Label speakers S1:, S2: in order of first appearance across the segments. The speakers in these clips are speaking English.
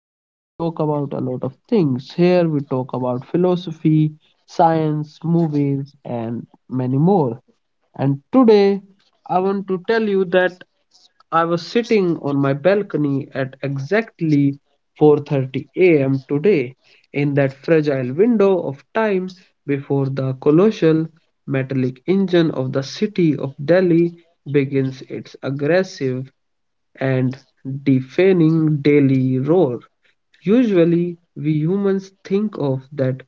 S1: Here we talk about a lot of things. Here we talk about philosophy, science, movies, and many more. And today I want to tell you that I was sitting on my balcony at exactly 4:30 a.m. today, in that fragile window of time before the colossal metallic engine of the city of Delhi begins its aggressive and deafening daily roar. Usually, we humans think of that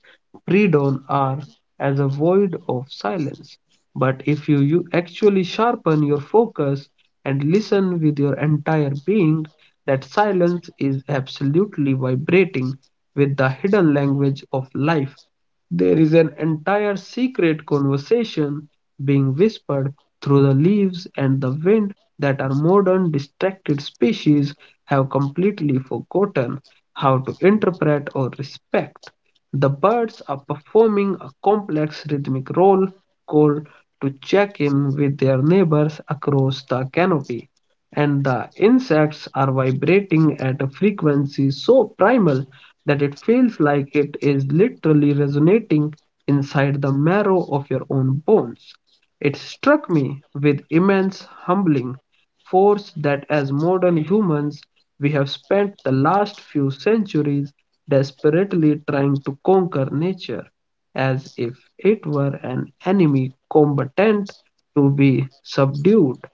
S1: pre dawn hour as a void of silence. But if you actually sharpen your focus and listen with your entire being, that silence is absolutely vibrating with the hidden language of life. There is an entire secret conversation being whispered through the leaves and the wind that our modern distracted species have completely forgotten how to interpret or respect. The birds are performing a complex rhythmic roll call to check in with their neighbors across the canopy, and the insects are vibrating at a frequency so primal that it feels like it is literally resonating inside the marrow of your own bones. It struck me with immense humbling force that as modern humans, we have spent the last few centuries desperately trying to conquer nature, as if it were an enemy combatant to be subdued.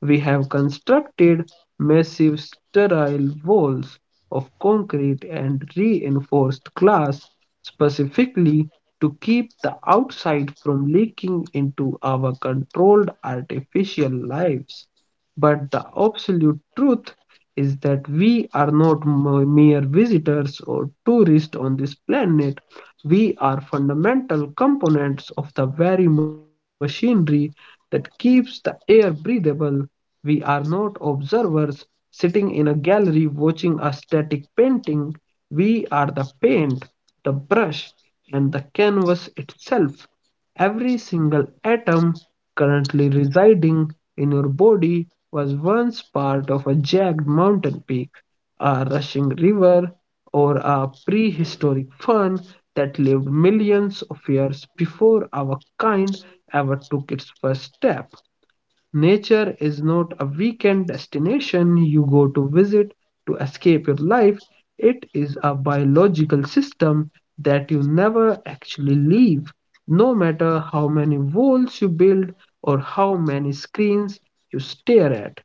S1: We have constructed massive sterile walls of concrete and reinforced glass specifically to keep the outside from leaking into our controlled artificial lives. But the absolute truth is that we are not mere visitors or tourists on this planet. We are fundamental components of the very machinery that keeps the air breathable. We are not observers sitting in a gallery watching a static painting. We are the paint, the brush, and the canvas itself. Every single atom currently residing in your body was once part of a jagged mountain peak, a rushing river, or a prehistoric fern that lived millions of years before our kind ever took its first step. Nature is not a weekend destination you go to visit to escape your life. It is a biological system that you never actually leave, no matter how many walls you build or how many screens you stare at.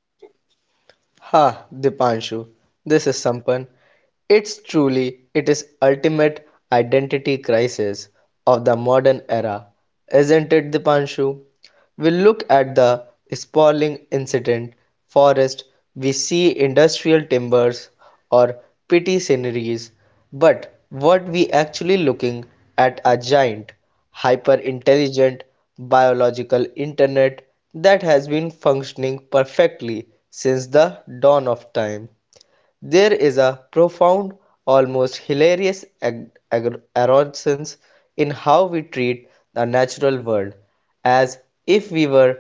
S2: Ha, Dipanshu, this is Sampan. It's truly, it is ultimate identity crisis of the modern era, isn't it, Dipanshu? We look at the sprawling incident forest, we see industrial timbers or pretty sceneries, but what we actually looking at are giant hyper-intelligent biological internet that has been functioning perfectly since the dawn of time. There is a profound, almost hilarious arrogance in how we treat the natural world as if we were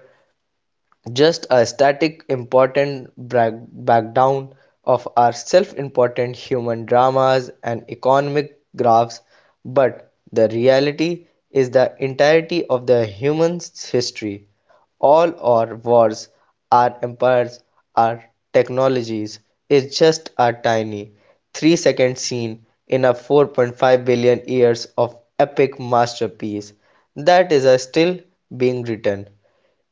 S2: just a static important breakdown of our self-important human dramas and economic graphs, but the reality is the entirety of the human's history. All our wars, our empires, our technologies is just a tiny 3-second scene in a 4.5 billion years of epic masterpiece that is still being written.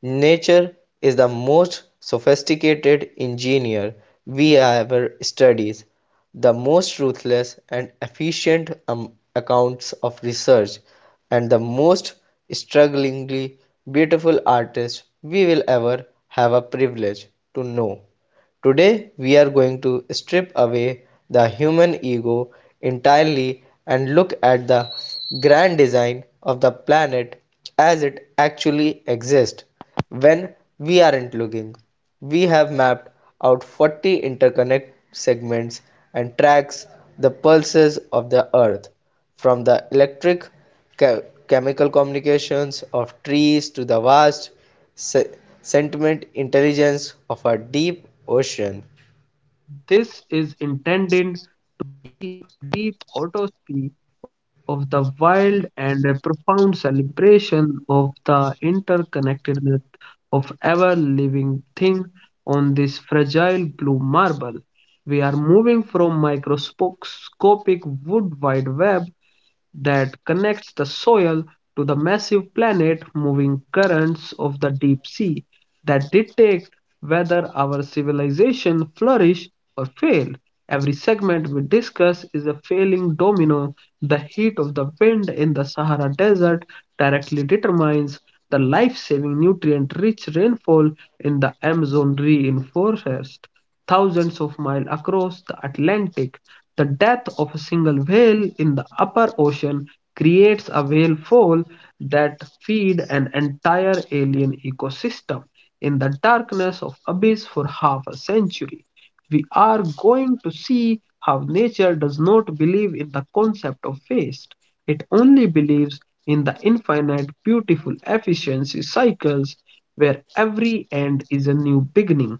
S2: Nature is the most sophisticated engineer we ever studied, the most ruthless and efficient accounts of research, and the most strugglingly beautiful artist we will ever have a privilege to know. Today we are going to strip away the human ego entirely and look at the grand design of the planet as it actually exists when we aren't looking. We have mapped out 40 interconnect segments and tracks the pulses of the earth, from the electric che- chemical communications of trees to the vast se- sentiment intelligence of our deep ocean.
S1: This is intended deep autopsy of the wild and a profound celebration of the interconnectedness of ever living thing on this fragile blue marble. We are moving from microscopic wood wide web that connects the soil to the massive planet-moving currents of the deep sea that dictate whether our civilization flourishes or fails. Every segment we discuss is a failing domino. The heat of the wind in the Sahara Desert directly determines the life-saving nutrient-rich rainfall in the Amazon reinforced thousands of miles across the Atlantic. The death of a single whale in the upper ocean creates a whale fall that feed an entire alien ecosystem in the darkness of abyss for half a century. We are going to see how nature does not believe in the concept of waste. It only believes in the infinite beautiful efficiency cycles where every end is a new beginning.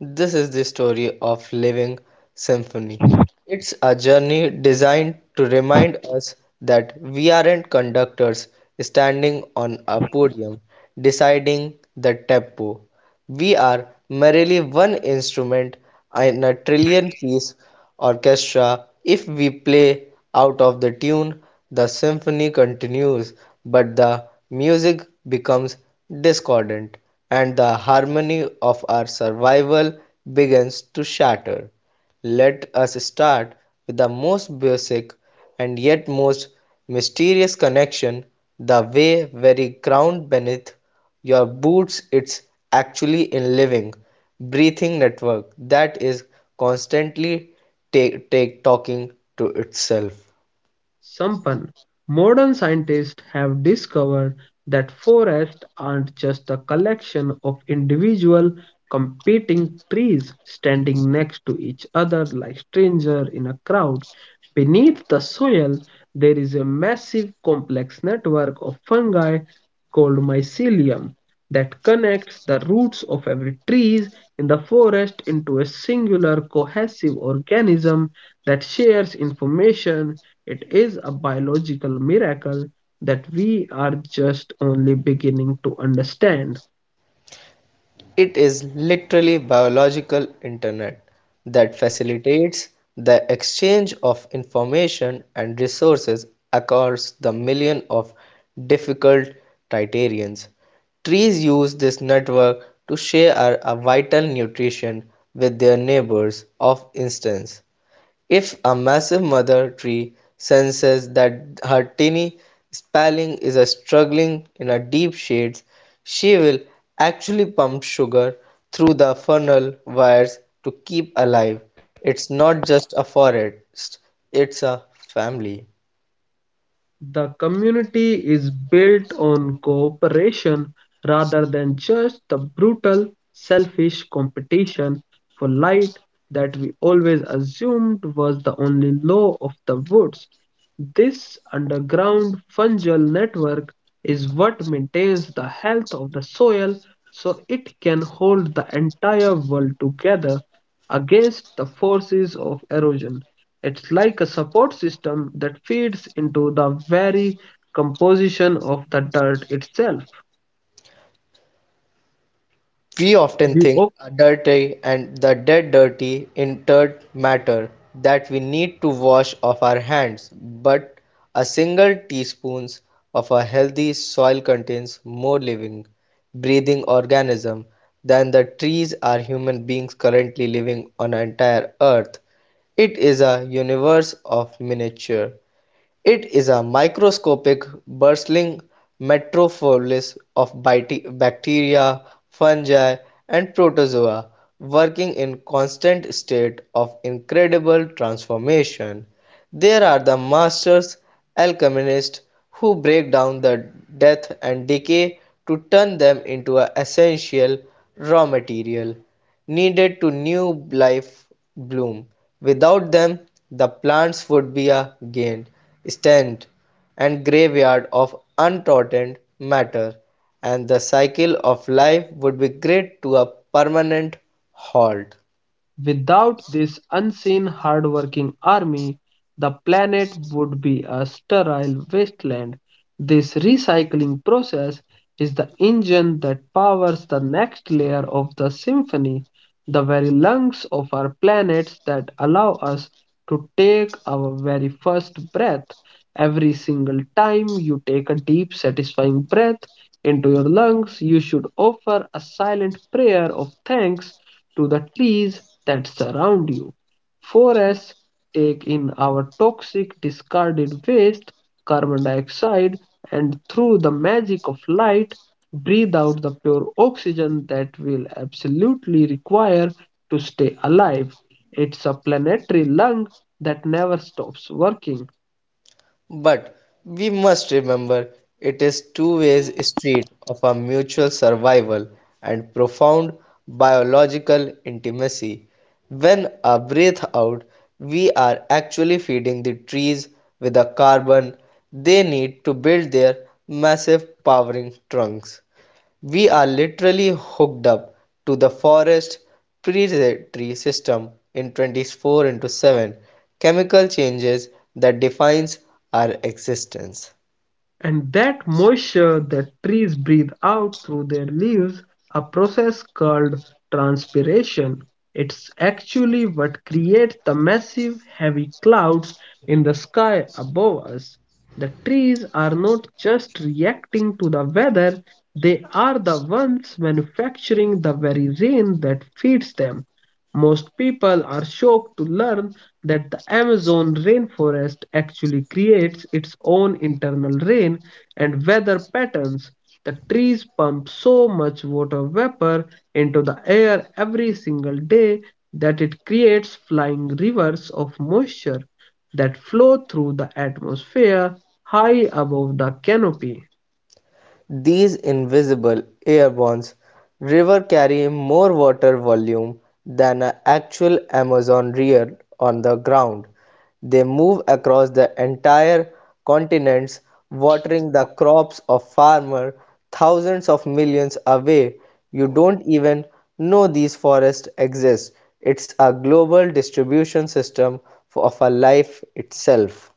S2: This is the story of living symphony. It's a journey designed to remind us that we aren't conductors standing on a podium deciding the tempo. We are merely one instrument in a trillion-piece orchestra. If we play out of the tune, the symphony continues, but the music becomes discordant, and the harmony of our survival begins to shatter. Let us start with the most basic and yet most mysterious connection the way very ground beneath your boots it's actually a living, breathing network that is constantly take talking to itself.
S1: Sampan, modern scientists have discovered that forests aren't just a collection of individual competing trees standing next to each other like strangers in a crowd. Beneath the soil, there is a massive complex network of fungi called mycelium that connects the roots of every tree in the forest into a singular cohesive organism that shares information. It is a biological miracle that we are just only beginning to understand.
S2: It is literally biological internet that facilitates the exchange of information and resources across the million of difficult criterions. Trees use this network to share a vital nutrition with their neighbors. Of instance, if a massive mother tree senses that her tiny sapling is struggling in a deep shades, she will actually pump sugar through the funnel wires to keep alive. It's not just a forest, it's a family.
S1: The community is built on cooperation rather than just the brutal, selfish competition for light that we always assumed was the only law of the woods. This underground fungal network is what maintains the health of the soil so it can hold the entire world together against the forces of erosion. It's like a support system that feeds into the very composition of the dirt itself.
S2: We often
S1: You.
S2: think are dirty and the dead dirty inert matter that we need to wash off our hands, but a single teaspoon of a healthy soil contains more living, breathing organisms than the trees are human beings currently living on an entire earth. It is a universe of miniature. It is a microscopic, bustling metropolis of bacteria, fungi, and protozoa working in constant state of incredible transformation. There are the masters alchemists who break down the death and decay to turn them into an essential raw material needed to new life bloom. Without them, the plants would be a gained stand and graveyard of untrodden matter, and the cycle of life would be grind to a permanent halt.
S1: Without this unseen hardworking army, the planet would be a sterile wasteland. This recycling process is the engine that powers the next layer of the symphony, the very lungs of our planets that allow us to take our very first breath. Every single time you take a deep, satisfying breath into your lungs, you should offer a silent prayer of thanks to the trees that surround you. Forests take in our toxic discarded waste, carbon dioxide, and through the magic of light, breathe out the pure oxygen that we'll absolutely require to stay alive. It's a planetary lung that never stops working.
S2: But we must remember it is two-way street of a mutual survival and profound biological intimacy. When a breath out, we are actually feeding the trees with the carbon they need to build their massive powering trunks. We are literally hooked up to the forest predatory system in 24 into 7 chemical changes that defines our existence.
S1: And that moisture that trees breathe out through their leaves, a process called transpiration. It's actually what creates the massive heavy clouds in the sky above us. The trees are not just reacting to the weather, they are the ones manufacturing the very rain that feeds them. Most people are shocked to learn that the Amazon rainforest actually creates its own internal rain and weather patterns. The trees pump so much water vapor into the air every single day that it creates flying rivers of moisture that flow through the atmosphere high above the canopy.
S2: These invisible airborne rivers carry more water volume than an actual Amazon river on the ground. They move across the entire continents, watering the crops of farmers thousands of millions away. You don't even know these forests exist. It's a global distribution system of a life itself.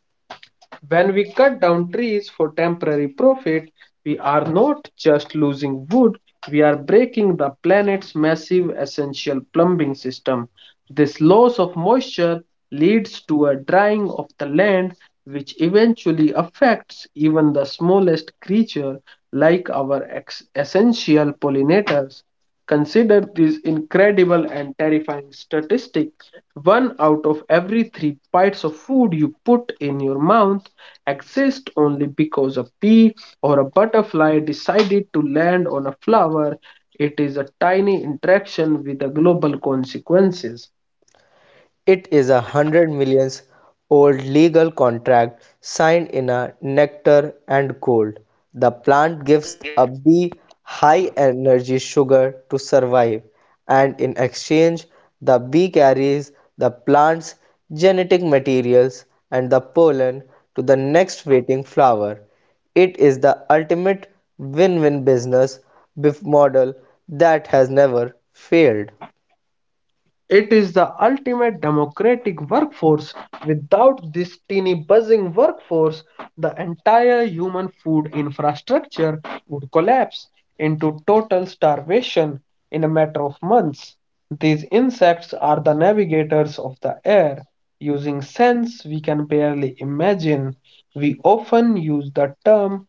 S1: When we cut down trees for temporary profit, we are not just losing wood, we are breaking the planet's massive essential plumbing system. This loss of moisture leads to a drying of the land, which eventually affects even the smallest creature like our essential pollinators. Consider this incredible and terrifying statistic. One out of every three bites of food you put in your mouth exists only because a bee or a butterfly decided to land on a flower. It is a tiny interaction with a global consequences.
S2: It is a hundred millions old legal contract signed in a nectar and gold. The plant gives a bee high energy sugar to survive, and in exchange, the bee carries the plant's genetic materials and the pollen to the next waiting flower. It is the ultimate win win business model that has never failed.
S1: It is the ultimate democratic workforce. Without this teeny buzzing workforce, the entire human food infrastructure would collapse into total starvation in a matter of months. These insects are the navigators of the air, using sense we can barely imagine. We often use the term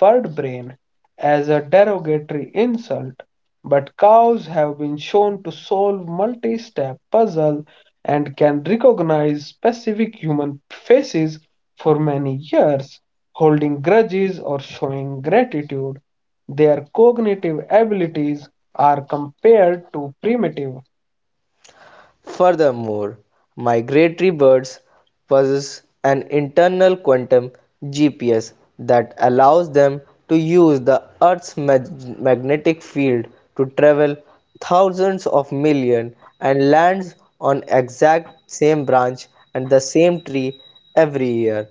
S1: bird brain as a derogatory insult, but cows have been shown to solve multi-step puzzles and can recognize specific human faces for many years, holding grudges or showing gratitude. Their cognitive abilities are compared to primitive.
S2: Furthermore, migratory birds possess an internal quantum GPS that allows them to use the Earth's magnetic field to travel thousands of millions and lands on exact same branch and the same tree every year.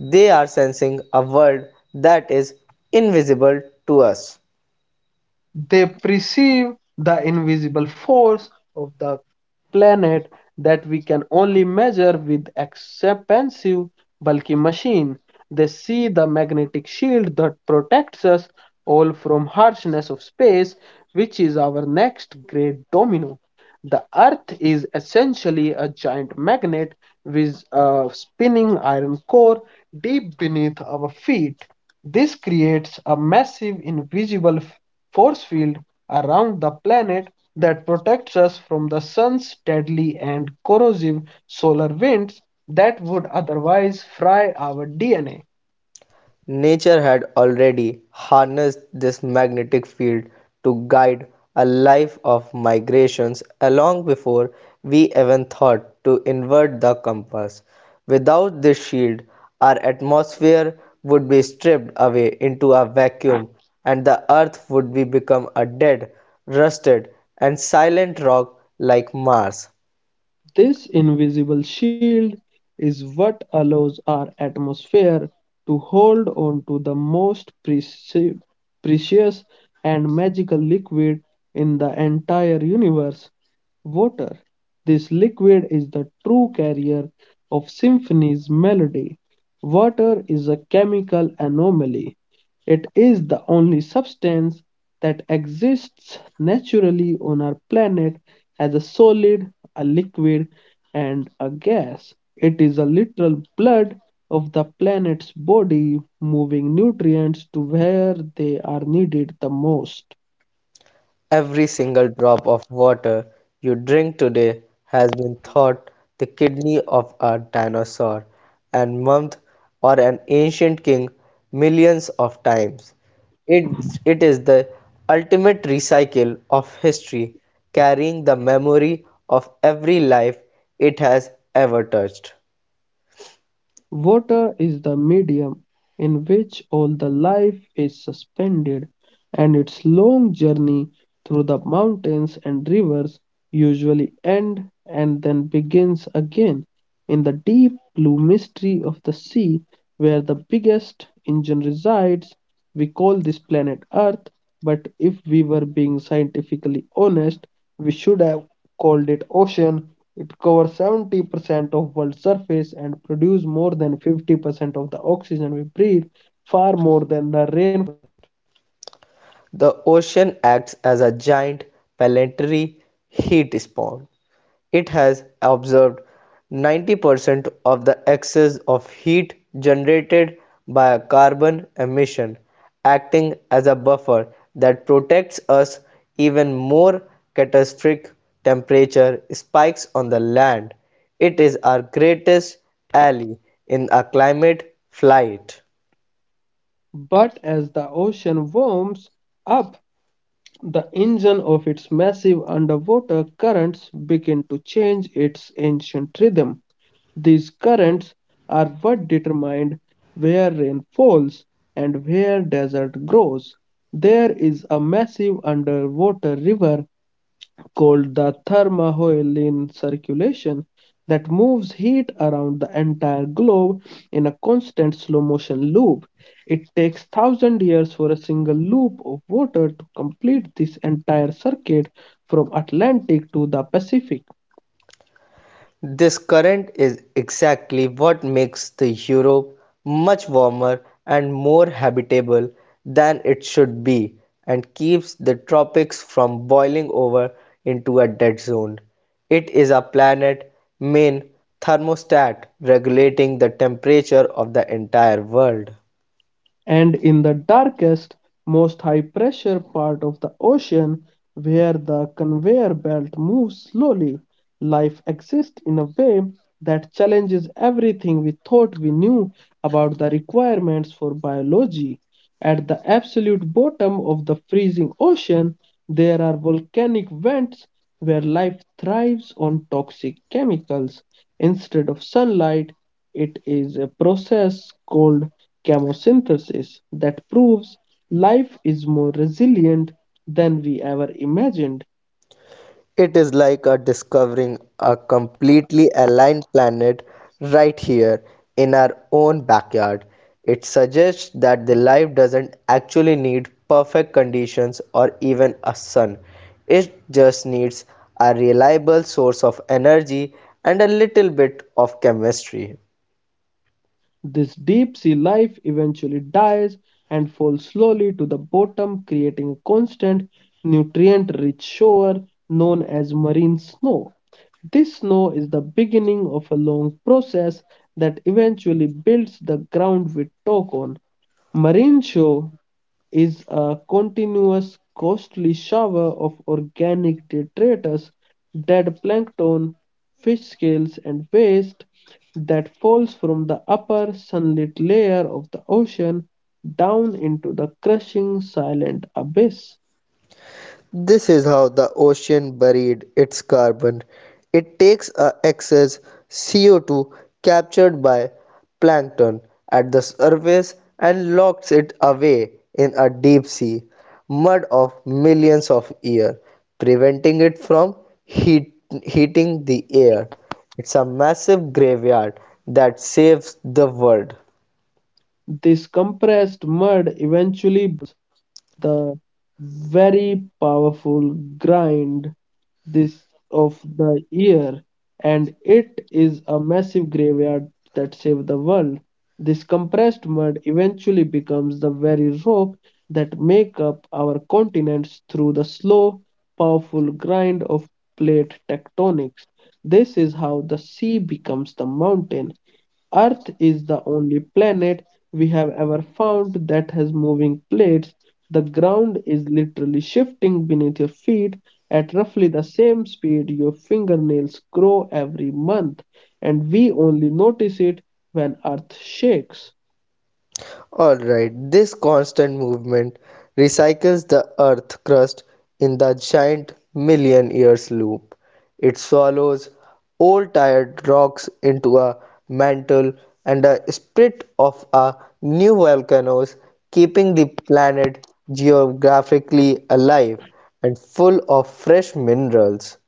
S2: They are sensing a world that is invisible to us.
S1: They perceive the invisible force of the planet that we can only measure with expensive, bulky machine. They see the magnetic shield that protects us all from harshness of space, which is our next great domino. The Earth is essentially a giant magnet with a spinning iron core deep beneath our feet. This creates a massive invisible force field around the planet that protects us from the sun's deadly and corrosive solar winds that would otherwise fry our DNA.
S2: Nature had already harnessed this magnetic field to guide a life of migrations long before we even thought to invert the compass. Without this shield, our atmosphere would be stripped away into a vacuum, and the earth would be become a dead, rusted, and silent rock like Mars.
S1: This invisible shield is what allows our atmosphere to hold on to the most precious and magical liquid in the entire universe: water. This liquid is the true carrier of symphony's melody. Water is a chemical anomaly. It is the only substance that exists naturally on our planet as a solid, a liquid, and a gas. It is a literal blood of the planet's body, moving nutrients to where they are needed the most.
S2: Every single drop of water you drink today has been thought the kidney of a dinosaur, and month, or an ancient king millions of times. It is the ultimate recycle of history, carrying the memory of every life it has ever touched.
S1: Water is the medium in which all the life is suspended, and its long journey through the mountains and rivers usually end and then begins again in the deep blue mystery of the sea where the biggest engine resides. We call this planet Earth, but if we were being scientifically honest, we should have called it ocean. It covers 70% of world's surface and produces more than 50% of the oxygen we breathe, far more than the rain.
S2: The ocean acts as a giant planetary heat sponge. It has absorbed 90% of the excess of heat generated by a carbon emission, acting as a buffer that protects us even more catastrophic temperature spikes on the land. It is our greatest ally in a climate flight.
S1: But as the ocean warms up, the engine of its massive underwater currents begin to change its ancient rhythm. These currents are what determined where rain falls and where desert grows. There is a massive underwater river called the thermohaline circulation that moves heat around the entire globe in a constant slow motion loop. It takes 1,000 years for a single loop of water to complete this entire circuit from Atlantic to the Pacific.
S2: This current is exactly what makes the Europe much warmer and more habitable than it should be and keeps the tropics from boiling over into a dead zone. It is our planet main thermostat regulating the temperature of the entire world.
S1: And in the darkest, most high pressure part of the ocean, where the conveyor belt moves slowly, life exists in a way that challenges everything we thought we knew about the requirements for biology. At the absolute bottom of the freezing ocean, there are volcanic vents where life thrives on toxic chemicals. Instead of sunlight, it is a process called chemosynthesis that proves life is more resilient than we ever imagined.
S2: It is like a discovering a completely aligned planet right here in our own backyard. It suggests that the life doesn't actually need perfect conditions or even a sun. It just needs a reliable source of energy and a little bit of chemistry.
S1: This deep sea life eventually dies and falls slowly to the bottom, creating a constant nutrient rich shore known as marine snow. This snow is the beginning of a long process that eventually builds the ground we talk on. Marine snow is a continuous, costly shower of organic detritus, dead plankton, fish scales, and waste that falls from the upper sunlit layer of the ocean down into the crushing silent abyss.
S2: This is how the ocean buried its carbon. It takes a excess CO2 captured by plankton at the surface and locks it away in a deep sea mud of millions of years, preventing it from heat, heating the air. It's a massive graveyard that saves the world.
S1: This compressed mud eventually the very powerful grind this of the year, and it is a massive graveyard that saved the world. This compressed mud eventually becomes the very rock that make up our continents through the slow, powerful grind of plate tectonics. This is how the sea becomes the mountain. Earth is the only planet we have ever found that has moving plates. The ground is literally shifting beneath your feet at roughly the same speed your fingernails grow every month, and we only notice it when Earth shakes.
S2: Alright, this constant movement recycles the Earth crust in the giant million years loop. It swallows old tired rocks into a mantle and a split of a new volcanoes, keeping the planet geographically alive and full of fresh minerals.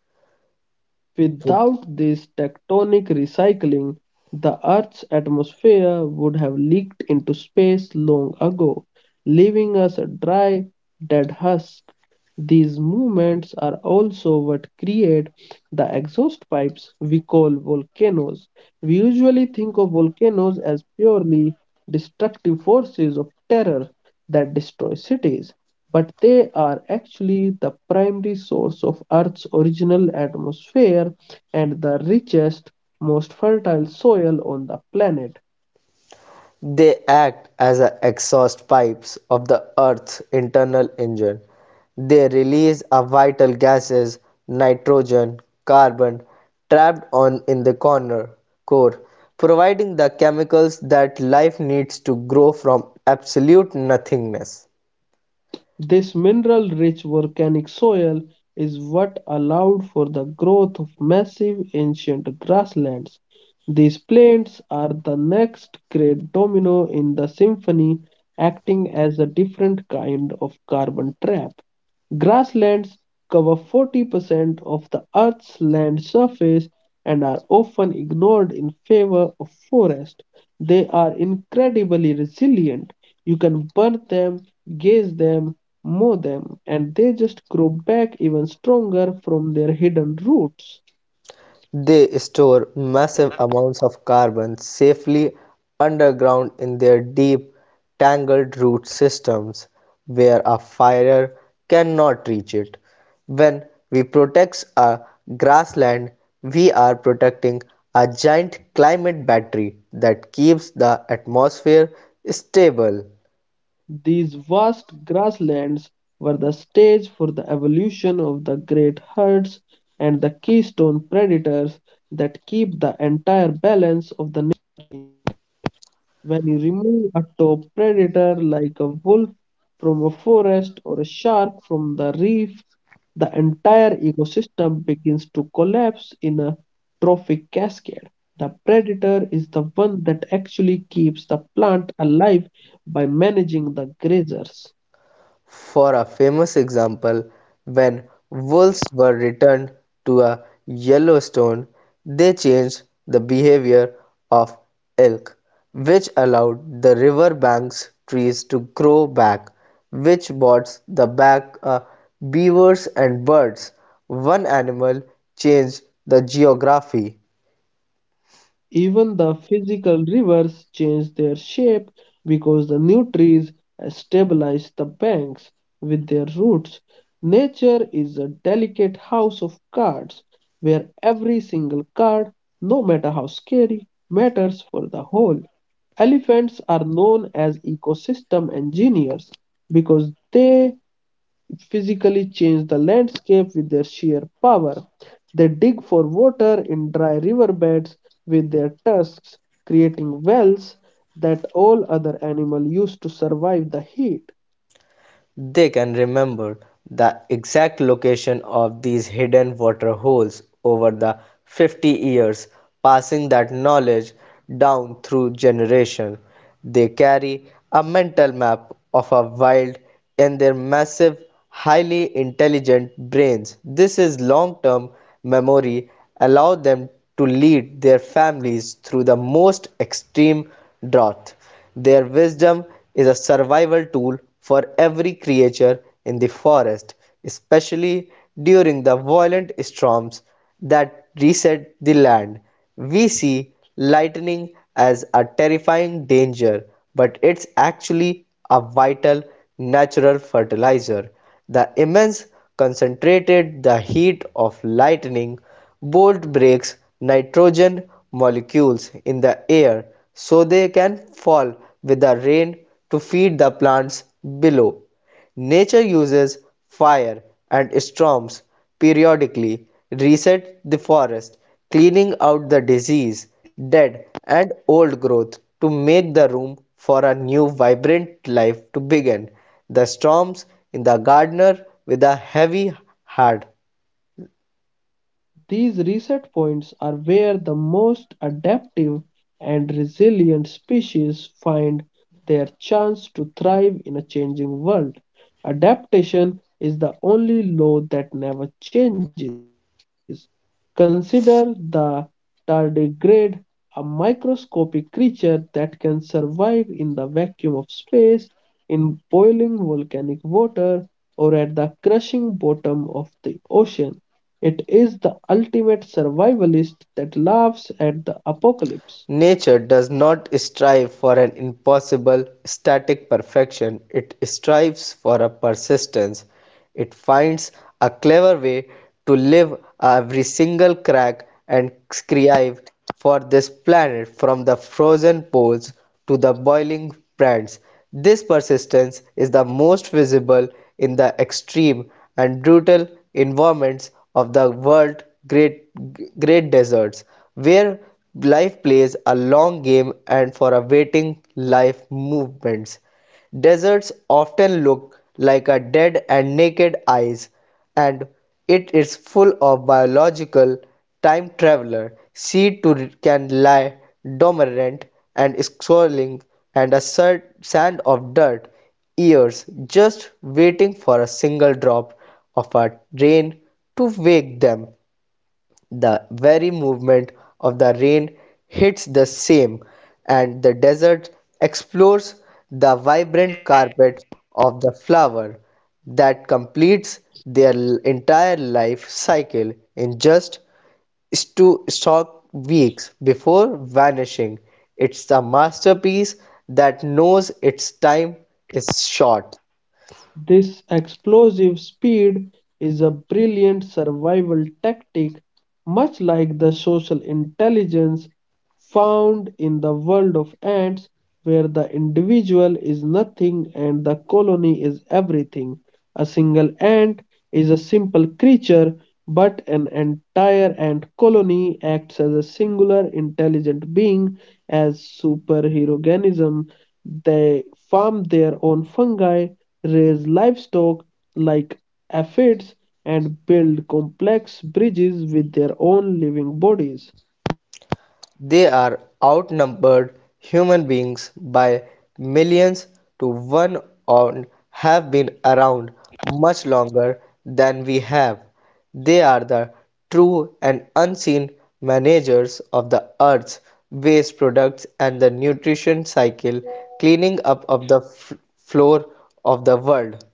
S1: Without this tectonic recycling, the Earth's atmosphere would have leaked into space long ago, leaving us a dry, dead husk. These movements are also what create the exhaust pipes we call volcanoes. We usually think of volcanoes as purely destructive forces of terror that destroy cities, but they are actually the primary source of Earth's original atmosphere and the richest, most fertile soil on the planet.
S2: They act as the exhaust pipes of the Earth's internal engine. They release our vital gases, nitrogen, carbon, trapped on in the corner core, providing the chemicals that life needs to grow from absolute nothingness.
S1: This mineral rich volcanic soil is what allowed for the growth of massive ancient grasslands. These plains are the next great domino in the symphony, acting as a different kind of carbon trap. Grasslands cover 40% of the Earth's land surface and are often ignored in favor of forest. They are incredibly resilient. You can burn them, gaze them, mow them, and they just grow back even stronger from their hidden roots.
S2: They store massive amounts of carbon safely underground in their deep, tangled root systems, where a fire cannot reach it. When we protect a grassland, we are protecting a giant climate battery that keeps the atmosphere stable.
S1: These vast grasslands were the stage for the evolution of the great herds and the keystone predators that keep the entire balance of the. When you remove a top predator like a wolf from a forest or a shark from the reef, the entire ecosystem begins to collapse in a trophic cascade. The predator is the one that actually keeps the plant alive by managing the grazers.
S2: For a famous example, when wolves were returned to a Yellowstone, they changed the behavior of elk, which allowed the riverbanks trees to grow back, which brought the back beavers and birds. One animal changed the geography.
S1: Even the physical rivers change their shape because the new trees stabilize the banks with their roots. Nature is a delicate house of cards where every single card, no matter how scary, matters for the whole. Elephants are known as ecosystem engineers because they physically change the landscape with their sheer power. They dig for water in dry riverbeds with their tusks, creating wells that all other animals use to survive the heat.
S2: They can remember the exact location of these hidden waterholes over the 50 years, passing that knowledge down through generations. They carry a mental map of a wild in their massive, highly intelligent brains. This is long-term memory allow them to lead their families through the most extreme drought their wisdom is a survival tool for every creature in the forest, especially during the violent storms that reset the land. We see lightning as a terrifying danger, but it's actually a vital natural fertilizer. The immense concentrated the heat of lightning Bolt breaks nitrogen molecules in the air so they can fall with the rain to feed the plants below. Nature uses fire and storms periodically reset the forest, cleaning out the disease, dead, and old growth to make the room for a new vibrant life to begin. The storms in the gardener with a heavy heart.
S1: These reset points are where the most adaptive and resilient species find their chance to thrive in a changing world. Adaptation is the only law that never changes. Consider the tardigrade, a microscopic creature that can survive in the vacuum of space, in boiling volcanic water, or at the crushing bottom of the ocean. It is the ultimate survivalist that laughs at the apocalypse.
S2: Nature does not strive for an impossible, static perfection, it strives for a persistence. It finds a clever way to live every single crack and scrive for this planet from the frozen poles to the boiling brands. This persistence is the most visible in the extreme and brutal environments of the world's great, great deserts, where life plays a long game and for awaiting life movements. Deserts often look like a dead and naked eyes, and it is full of biological time traveler. Seed too can lie dormant and swirling and a sand of dirt years just waiting for a single drop of a rain to wake them the very movement of the rain hits the same, and the desert explores the vibrant carpet of the flower that completes their entire life cycle in just stock weeks before vanishing. It's a masterpiece that knows its time is short.
S1: This explosive speed is a brilliant survival tactic, much like the social intelligence found in the world of ants, where the individual is nothing and the colony is everything. A single ant is a simple creature, but an entire ant colony acts as a singular intelligent being, as superheroism. They farm their own fungi, raise livestock, like aphids, and build complex bridges with their own living bodies.
S2: They are outnumbered human beings by millions to one and have been around much longer than we have. They are the true and unseen managers of the earth's waste products and the nutrition cycle, cleaning up of the floor of the world.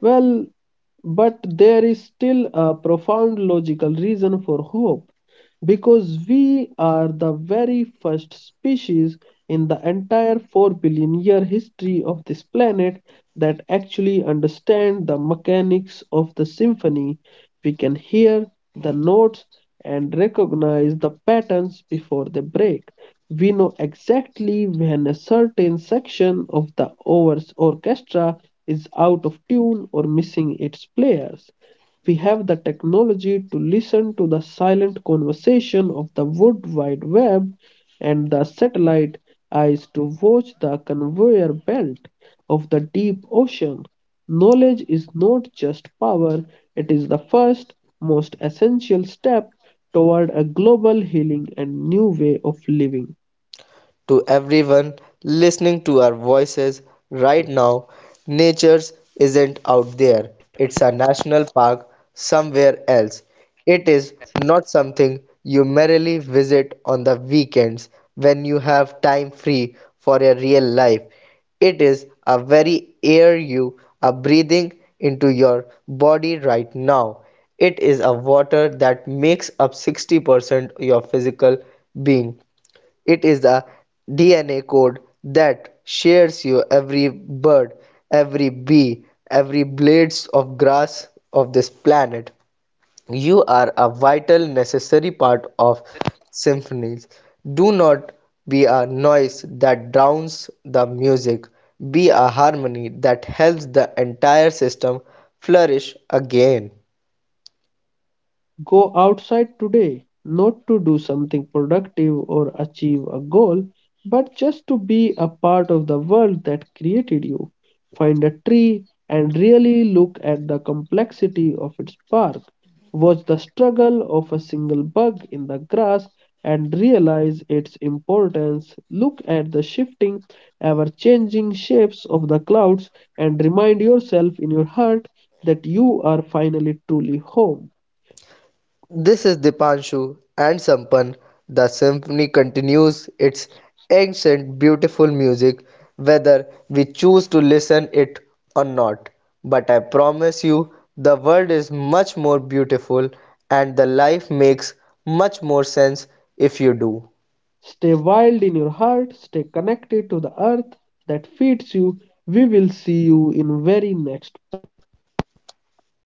S1: Well, but there is still a profound logical reason for hope, because we are the very first species in the entire 4 billion year history of this planet that actually understand the mechanics of the symphony. We can hear the notes and recognize the patterns before they break. We know exactly when a certain section of the orchestra is out of tune or missing its players. We have the technology to listen to the silent conversation of the World Wide Web and the satellite eyes to watch the conveyor belt of the deep ocean. Knowledge is not just power, it is the first, most essential step toward a global healing and new way of living.
S2: To everyone listening to our voices right now. Nature isn't out there, it's a national park somewhere else. It is not something you merely visit on the weekends when you have time free for your real life. It is a very air you are breathing into your body right now. It is a water that makes up 60% your physical being. It is a DNA code that shares you every bird, every bee, every blades of grass of this planet. You are a vital, necessary part of symphonies. Do not be a noise that drowns the music. Be a harmony that helps the entire system flourish again.
S1: Go outside today, not to do something productive or achieve a goal, but just to be a part of the world that created you. Find a tree and really look at the complexity of its bark. Watch the struggle of a single bug in the grass and realize its importance. Look at the shifting, ever changing shapes of the clouds and remind yourself in your heart that you are finally truly home.
S2: This is Dipanshu and Sampan. The symphony continues its ancient, beautiful music, whether we choose to listen it or not. But I promise you, the world is much more beautiful, and the life makes much more sense if you do.
S1: Stay wild in your heart, stay connected to the earth that feeds you. We will see you in very next